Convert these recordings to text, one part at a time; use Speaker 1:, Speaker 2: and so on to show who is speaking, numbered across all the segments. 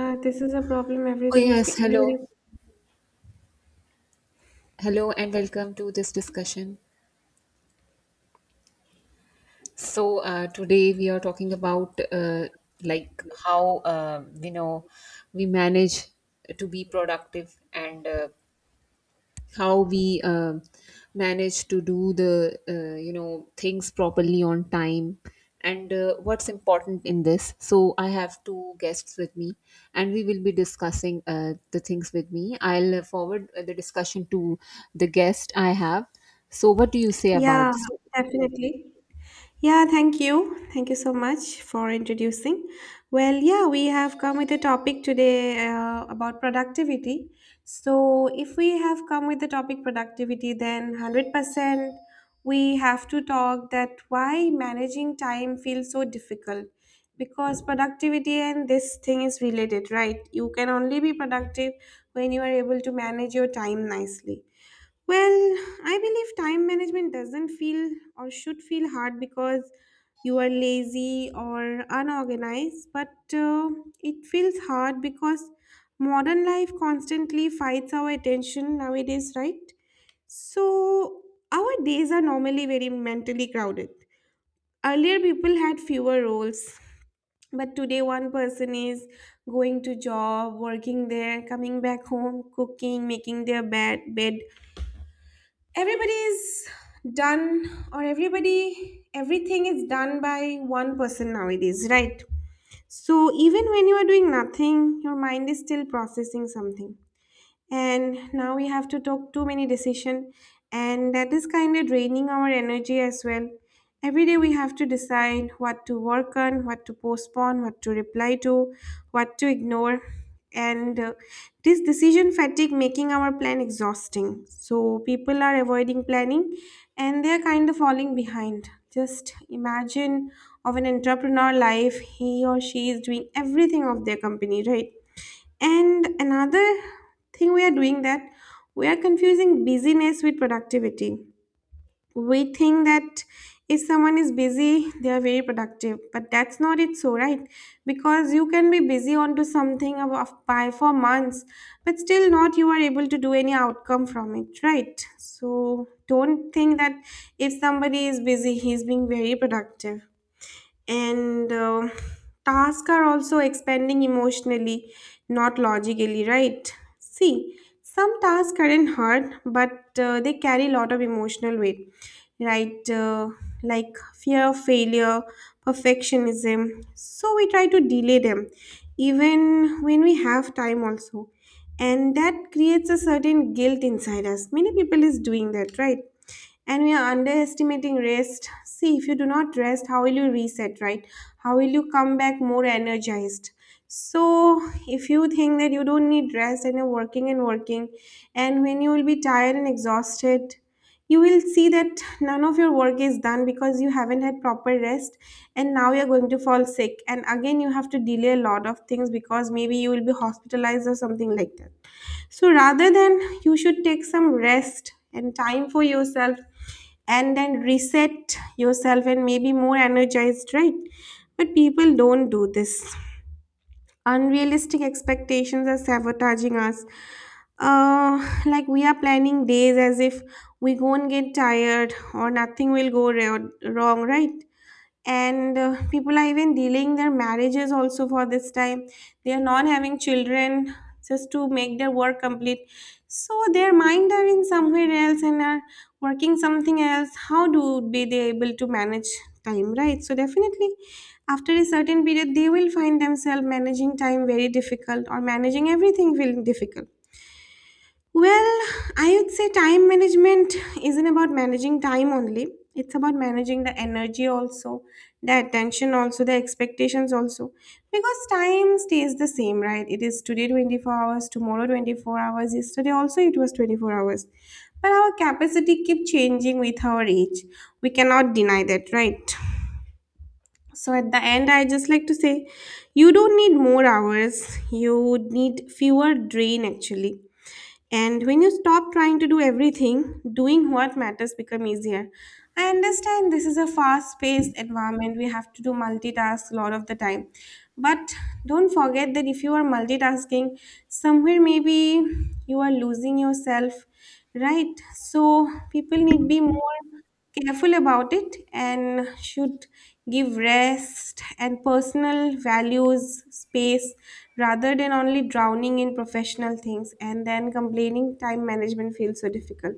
Speaker 1: Yeah, this is a problem.
Speaker 2: Oh, yes.
Speaker 1: Everybody.
Speaker 2: Hello. Hello, and welcome to this discussion. So, today we are talking about like how, you know, we manage to be productive and how we manage to do the things properly on time, and what's important in this. So I have two guests with me, and we will be discussing the things with me. I'll forward the discussion to the guest I have. So what do you say about
Speaker 1: Yeah,
Speaker 2: this?
Speaker 1: definitely. Yeah, thank you. Thank you so much for introducing. Well, yeah, we have come with a topic today about productivity. So, if we have come with the topic productivity, then 100% we have to talk that why managing time feels so difficult. Because productivity and this thing is related, right? You can only be productive when you are able to manage your time nicely. Well, I believe time management doesn't feel or should feel hard because you are lazy or unorganized, but uh, it feels hard because modern life constantly fights our attention nowadays, right? So, our days are normally very mentally crowded. Earlier, people had fewer roles, but today, one person is going to job, working there, coming back home, cooking, making their bed, everybody's done, or everybody everything is done by one person nowadays, right? So even when you are doing nothing, your mind is still processing something. And now we have to talk too many decision, and that is kind of draining our energy as well. Every day we have to decide what to work on, what to postpone, what to reply to, what to ignore. And This decision fatigue making our plan exhausting, so people are avoiding planning and they are kind of falling behind. Just imagine of an entrepreneur life, he or she is doing everything of their company, right? And another thing we are doing, that we are confusing busyness with productivity. We think that if someone is busy, they are very productive, but that's not it so, right? Because you can be busy onto something by for months, but still not you are able to do any outcome from it, right? So don't think that if somebody is busy, he's being very productive. And Tasks are also expanding emotionally, not logically, right? See, some tasks aren't hard, but they carry a lot of emotional weight, right? Like fear of failure, perfectionism, so we try to delay them even when we have time also, and that creates a certain guilt inside us. Many people is doing that, right? And we are underestimating rest. See, if you do not rest, how will you reset, right? How will you come back more energized? So, if you think that you don't need rest and you're working and working, and when you will be tired and exhausted, you will see that none of your work is done because you haven't had proper rest, and now you're going to fall sick. And again, you have to delay a lot of things because maybe you will be hospitalized or something like that. So rather than, you should take some rest and time for yourself and then reset yourself and maybe more energized, right? But people don't do this. Unrealistic expectations are sabotaging us. Like we are planning days as if we won't get tired or nothing will wrong, right? and People are even delaying their marriages also for this time. They are not having children just to make their work complete. So their mind are in somewhere else and are working something else. How do be they able to manage time, right? So definitely after a certain period, they will find themselves managing time very difficult or managing everything feeling difficult. Well, I would say time management isn't about managing time only. It's about managing the energy also, the attention also, the expectations also. Because time stays the same, right? It is today 24 hours, tomorrow 24 hours, yesterday also it was 24 hours. But our capacity keep changing with our age. We cannot deny that, right? So at the end, I just like to say, you don't need more hours. You need fewer drain actually, and when you stop trying to do everything, doing what matters become easier. I understand this is a fast-paced environment. We have to do multitask a lot of the time. But don't forget that if you are multitasking, somewhere maybe you are losing yourself, right? So people need be more careful about it and should give rest and personal values space rather than only drowning in professional things and then complaining time management feels so difficult.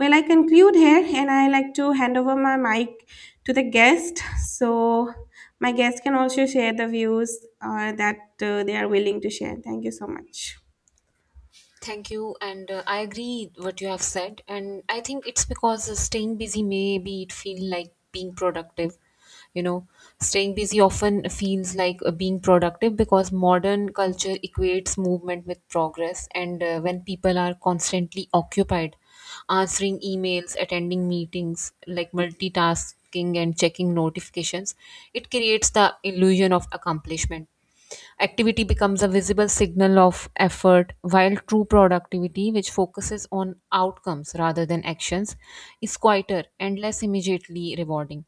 Speaker 1: Well, I conclude here and I like to hand over my mic to the guest, so my guest can also share the views that they are willing to share. Thank you so much.
Speaker 2: Thank you, and I agree what you have said, and I think it's because staying busy maybe it feel like being productive. You know, staying busy often feels like being productive because modern culture equates movement with progress, and when people are constantly occupied, answering emails, attending meetings, like multitasking and checking notifications, it creates the illusion of accomplishment. Activity becomes a visible signal of effort, while true productivity, which focuses on outcomes rather than actions, is quieter and less immediately rewarding.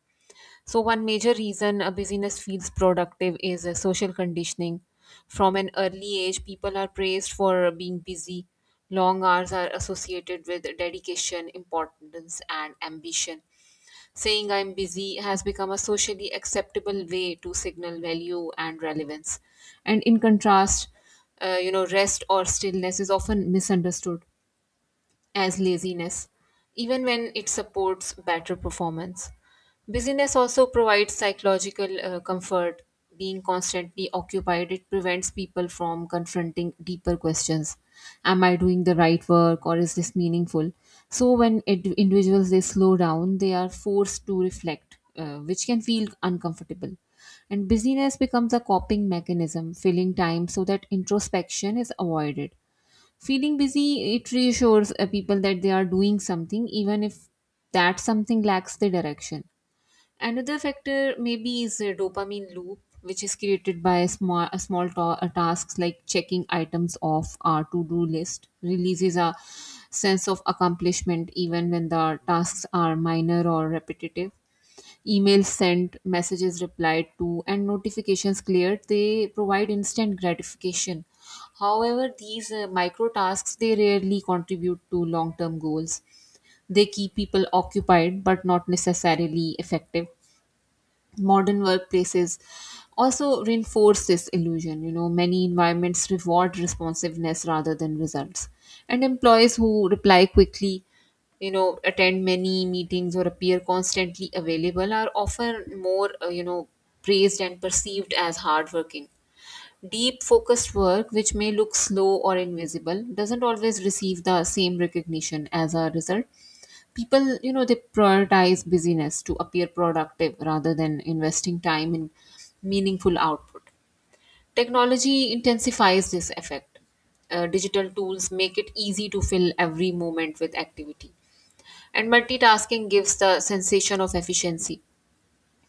Speaker 2: So, one major reason a busyness feels productive is a social conditioning. From an early age, people are praised for being busy. Long hours are associated with dedication, importance, and ambition. Saying I'm busy has become a socially acceptable way to signal value and relevance. And in contrast, rest or stillness is often misunderstood as laziness, even when it supports better performance. Busyness also provides psychological comfort. Being constantly occupied, it prevents people from confronting deeper questions. Am I doing the right work, or is this meaningful? So when it, individuals they slow down, they are forced to reflect, which can feel uncomfortable. And busyness becomes a coping mechanism, filling time so that introspection is avoided. Feeling busy, it reassures people that they are doing something, even if that something lacks the direction. Another factor maybe is a dopamine loop, which is created by small, tasks like checking items off our to-do list, releases a sense of accomplishment even when the tasks are minor or repetitive. Emails sent, messages replied to, and notifications cleared, they provide instant gratification. However, these micro tasks they rarely contribute to long-term goals. They keep people occupied but not necessarily effective. Modern workplaces also reinforce this illusion. You know, many environments reward responsiveness rather than results, and employees who reply quickly, you know, attend many meetings or appear constantly available are often more praised and perceived as hardworking. Deep focused work, which may look slow or invisible, doesn't always receive the same recognition. As a result, people, you know, they prioritize busyness to appear productive rather than investing time in meaningful output. Technology intensifies this effect. Digital tools make it easy to fill every moment with activity, and multitasking gives the sensation of efficiency,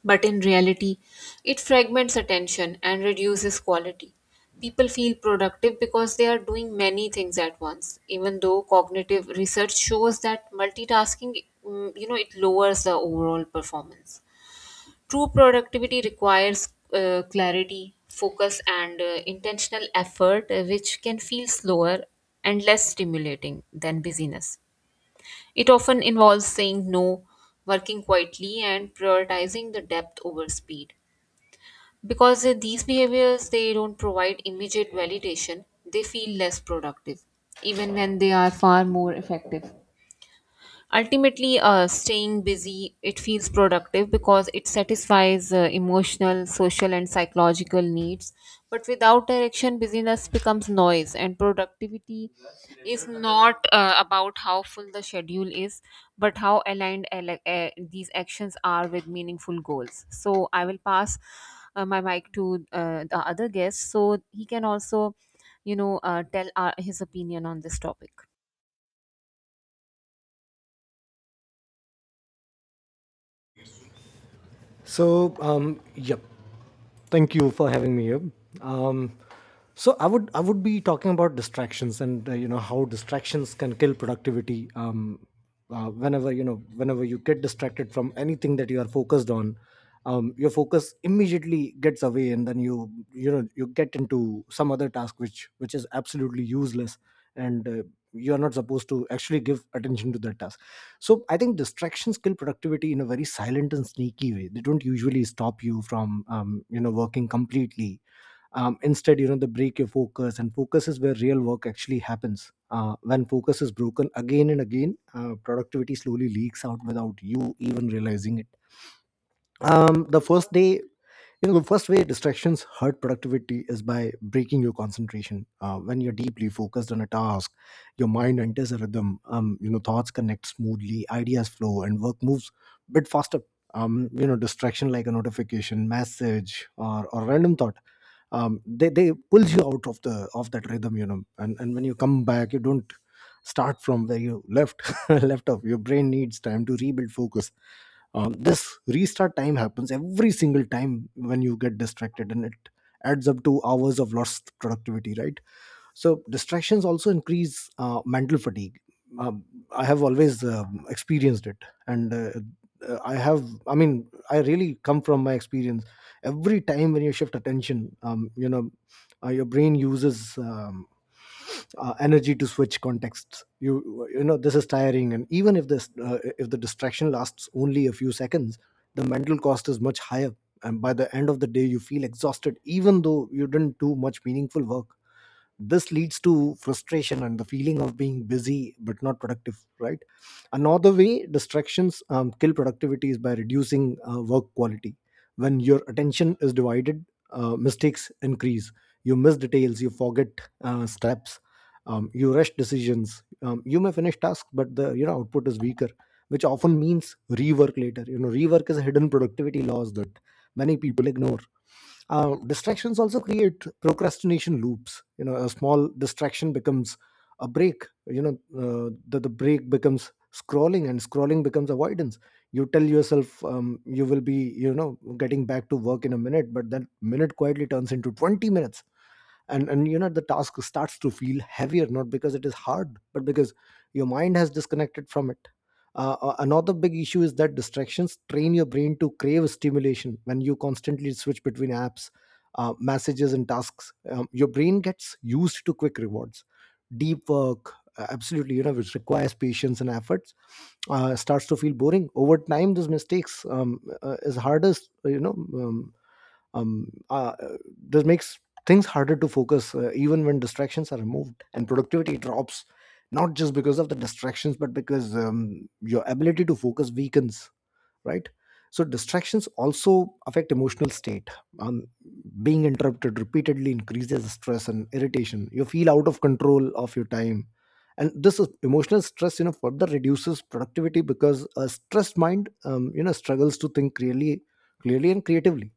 Speaker 2: but in reality, it fragments attention and reduces quality. People feel productive because they are doing many things at once, even though cognitive research shows that multitasking, you know, it lowers the overall performance. True productivity requires clarity, focus, and intentional effort, which can feel slower and less stimulating than busyness. It often involves saying no, working quietly, and prioritizing the depth over speed, because these behaviors they don't provide immediate validation, they feel less productive even when they are far more effective. Ultimately, staying busy it feels productive because it satisfies emotional, social, and psychological needs, but without direction busyness becomes noise, and productivity is not about how full the schedule is, but how aligned these actions are with meaningful goals. So I will pass my mic to the other guest, so he can also, you know, tell our, his opinion on this topic.
Speaker 3: So, yep. Thank you for having me here. Um, I would be talking about distractions and you know how distractions can kill productivity. Whenever you get distracted from anything that you are focused on, your focus immediately gets away, and then you know you get into some other task which is absolutely useless and you are not supposed to actually give attention to that task. So I think distractions kill productivity in a very silent and sneaky way. They don't usually stop you from working completely. Instead, they break your focus, and focus is where real work actually happens. When focus is broken again and again, productivity slowly leaks out without you even realizing it. The first day you know The first way distractions hurt productivity is by breaking your concentration. When you're deeply focused on a task, your mind enters a rhythm. Thoughts connect smoothly, ideas flow, and work moves a bit faster. You know, distraction like a notification, message, or random thought, they pulls you out of the of that rhythm. You know, and when you come back, you don't start from where you left left off. Your brain needs time to rebuild focus. This restart time happens every single time when you get distracted, and it adds up to hours of lost productivity, right? So distractions also increase mental fatigue. um, I have always experienced it, and I have I mean I really come from my experience. Every time when you shift attention, your brain uses energy to switch contexts. You know, this is tiring, and even if this if the distraction lasts only a few seconds, the mental cost is much higher. And by the end of the day, you feel exhausted even though you didn't do much meaningful work. This leads to frustration and the feeling of being busy but not productive, right? Another way distractions kill productivity is by reducing work quality. When your attention is divided, mistakes increase. You miss details, you forget steps, you rush decisions. You may finish tasks, but the output is weaker, which often means rework later. You know, rework is a hidden productivity loss that many people ignore. Distractions also create procrastination loops. You know, a small distraction becomes a break. You know, the break becomes scrolling, and scrolling becomes avoidance. You tell yourself you will be, you know, getting back to work in a minute, but that minute quietly turns into 20 minutes. And you know, the task starts to feel heavier, not because it is hard but because your mind has disconnected from it. Another big issue is that distractions train your brain to crave stimulation. When you constantly switch between apps, messages and tasks, your brain gets used to quick rewards. Deep work, absolutely, you know, which requires patience and efforts, starts to feel boring over time. These mistakes, is hardest you know um, uh, this makes things harder to focus, even when distractions are removed, and productivity drops not just because of the distractions but because your ability to focus weakens, right? So distractions also affect emotional state. um, Being interrupted repeatedly increases stress and irritation. You feel out of control of your time, and this is emotional stress. You know, further reduces productivity because a stressed mind, struggles to think clearly, clearly and creatively.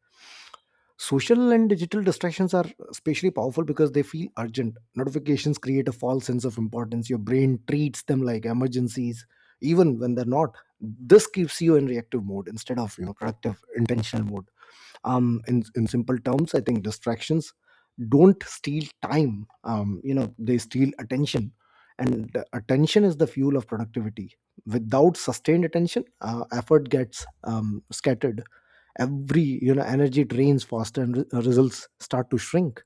Speaker 3: Social and digital distractions are especially powerful because they feel urgent. Notifications create a false sense of importance. Your brain treats them like emergencies, even when they're not. This keeps you in reactive mode instead of, you know, productive, intentional mode. In simple terms, I think distractions don't steal time. You know, they steal attention, and the attention is the fuel of productivity. Without sustained attention, effort gets scattered. Every you know Energy drains faster and results start to shrink.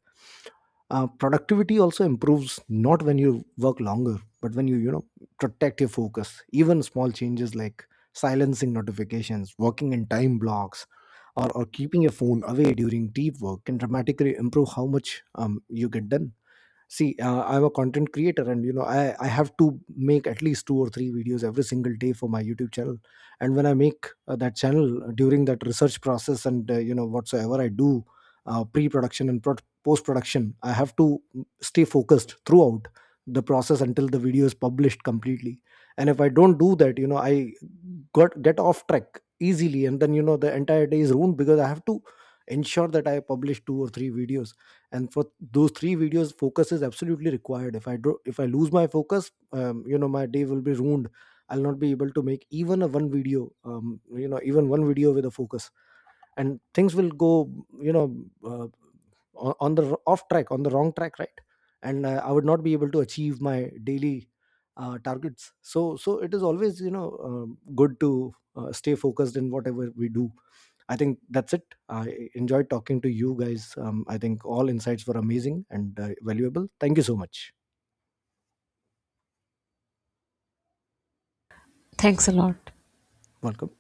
Speaker 3: Productivity also improves not when you work longer but when you know, protect your focus. Even small changes like silencing notifications, working in time blocks, or keeping your phone away during deep work, can dramatically improve how much you get done. See, I'm a content creator, and you know, I have to make at least two or three videos every single day for my YouTube channel. And when I make that channel, during that research process and you know, whatsoever I do, pre-production and post-production, I have to stay focused throughout the process until the video is published completely. And if I don't do that, you know, I got get off track easily, and then you know, the entire day is ruined because I have to ensure that I publish two or three videos. And for those three videos, focus is absolutely required. If I do if I lose my focus, you know, my day will be ruined. I'll not be able to make even a one video, you know, even one video with a focus, and things will go, you know, uh, on the off track, on the wrong track, right? And I would not be able to achieve my daily targets. So it is always, you know, good to stay focused in whatever we do. I think that's it. I enjoyed talking to you guys. I think all insights were amazing and valuable. Thank you so much.
Speaker 2: Thanks a lot.
Speaker 3: Welcome.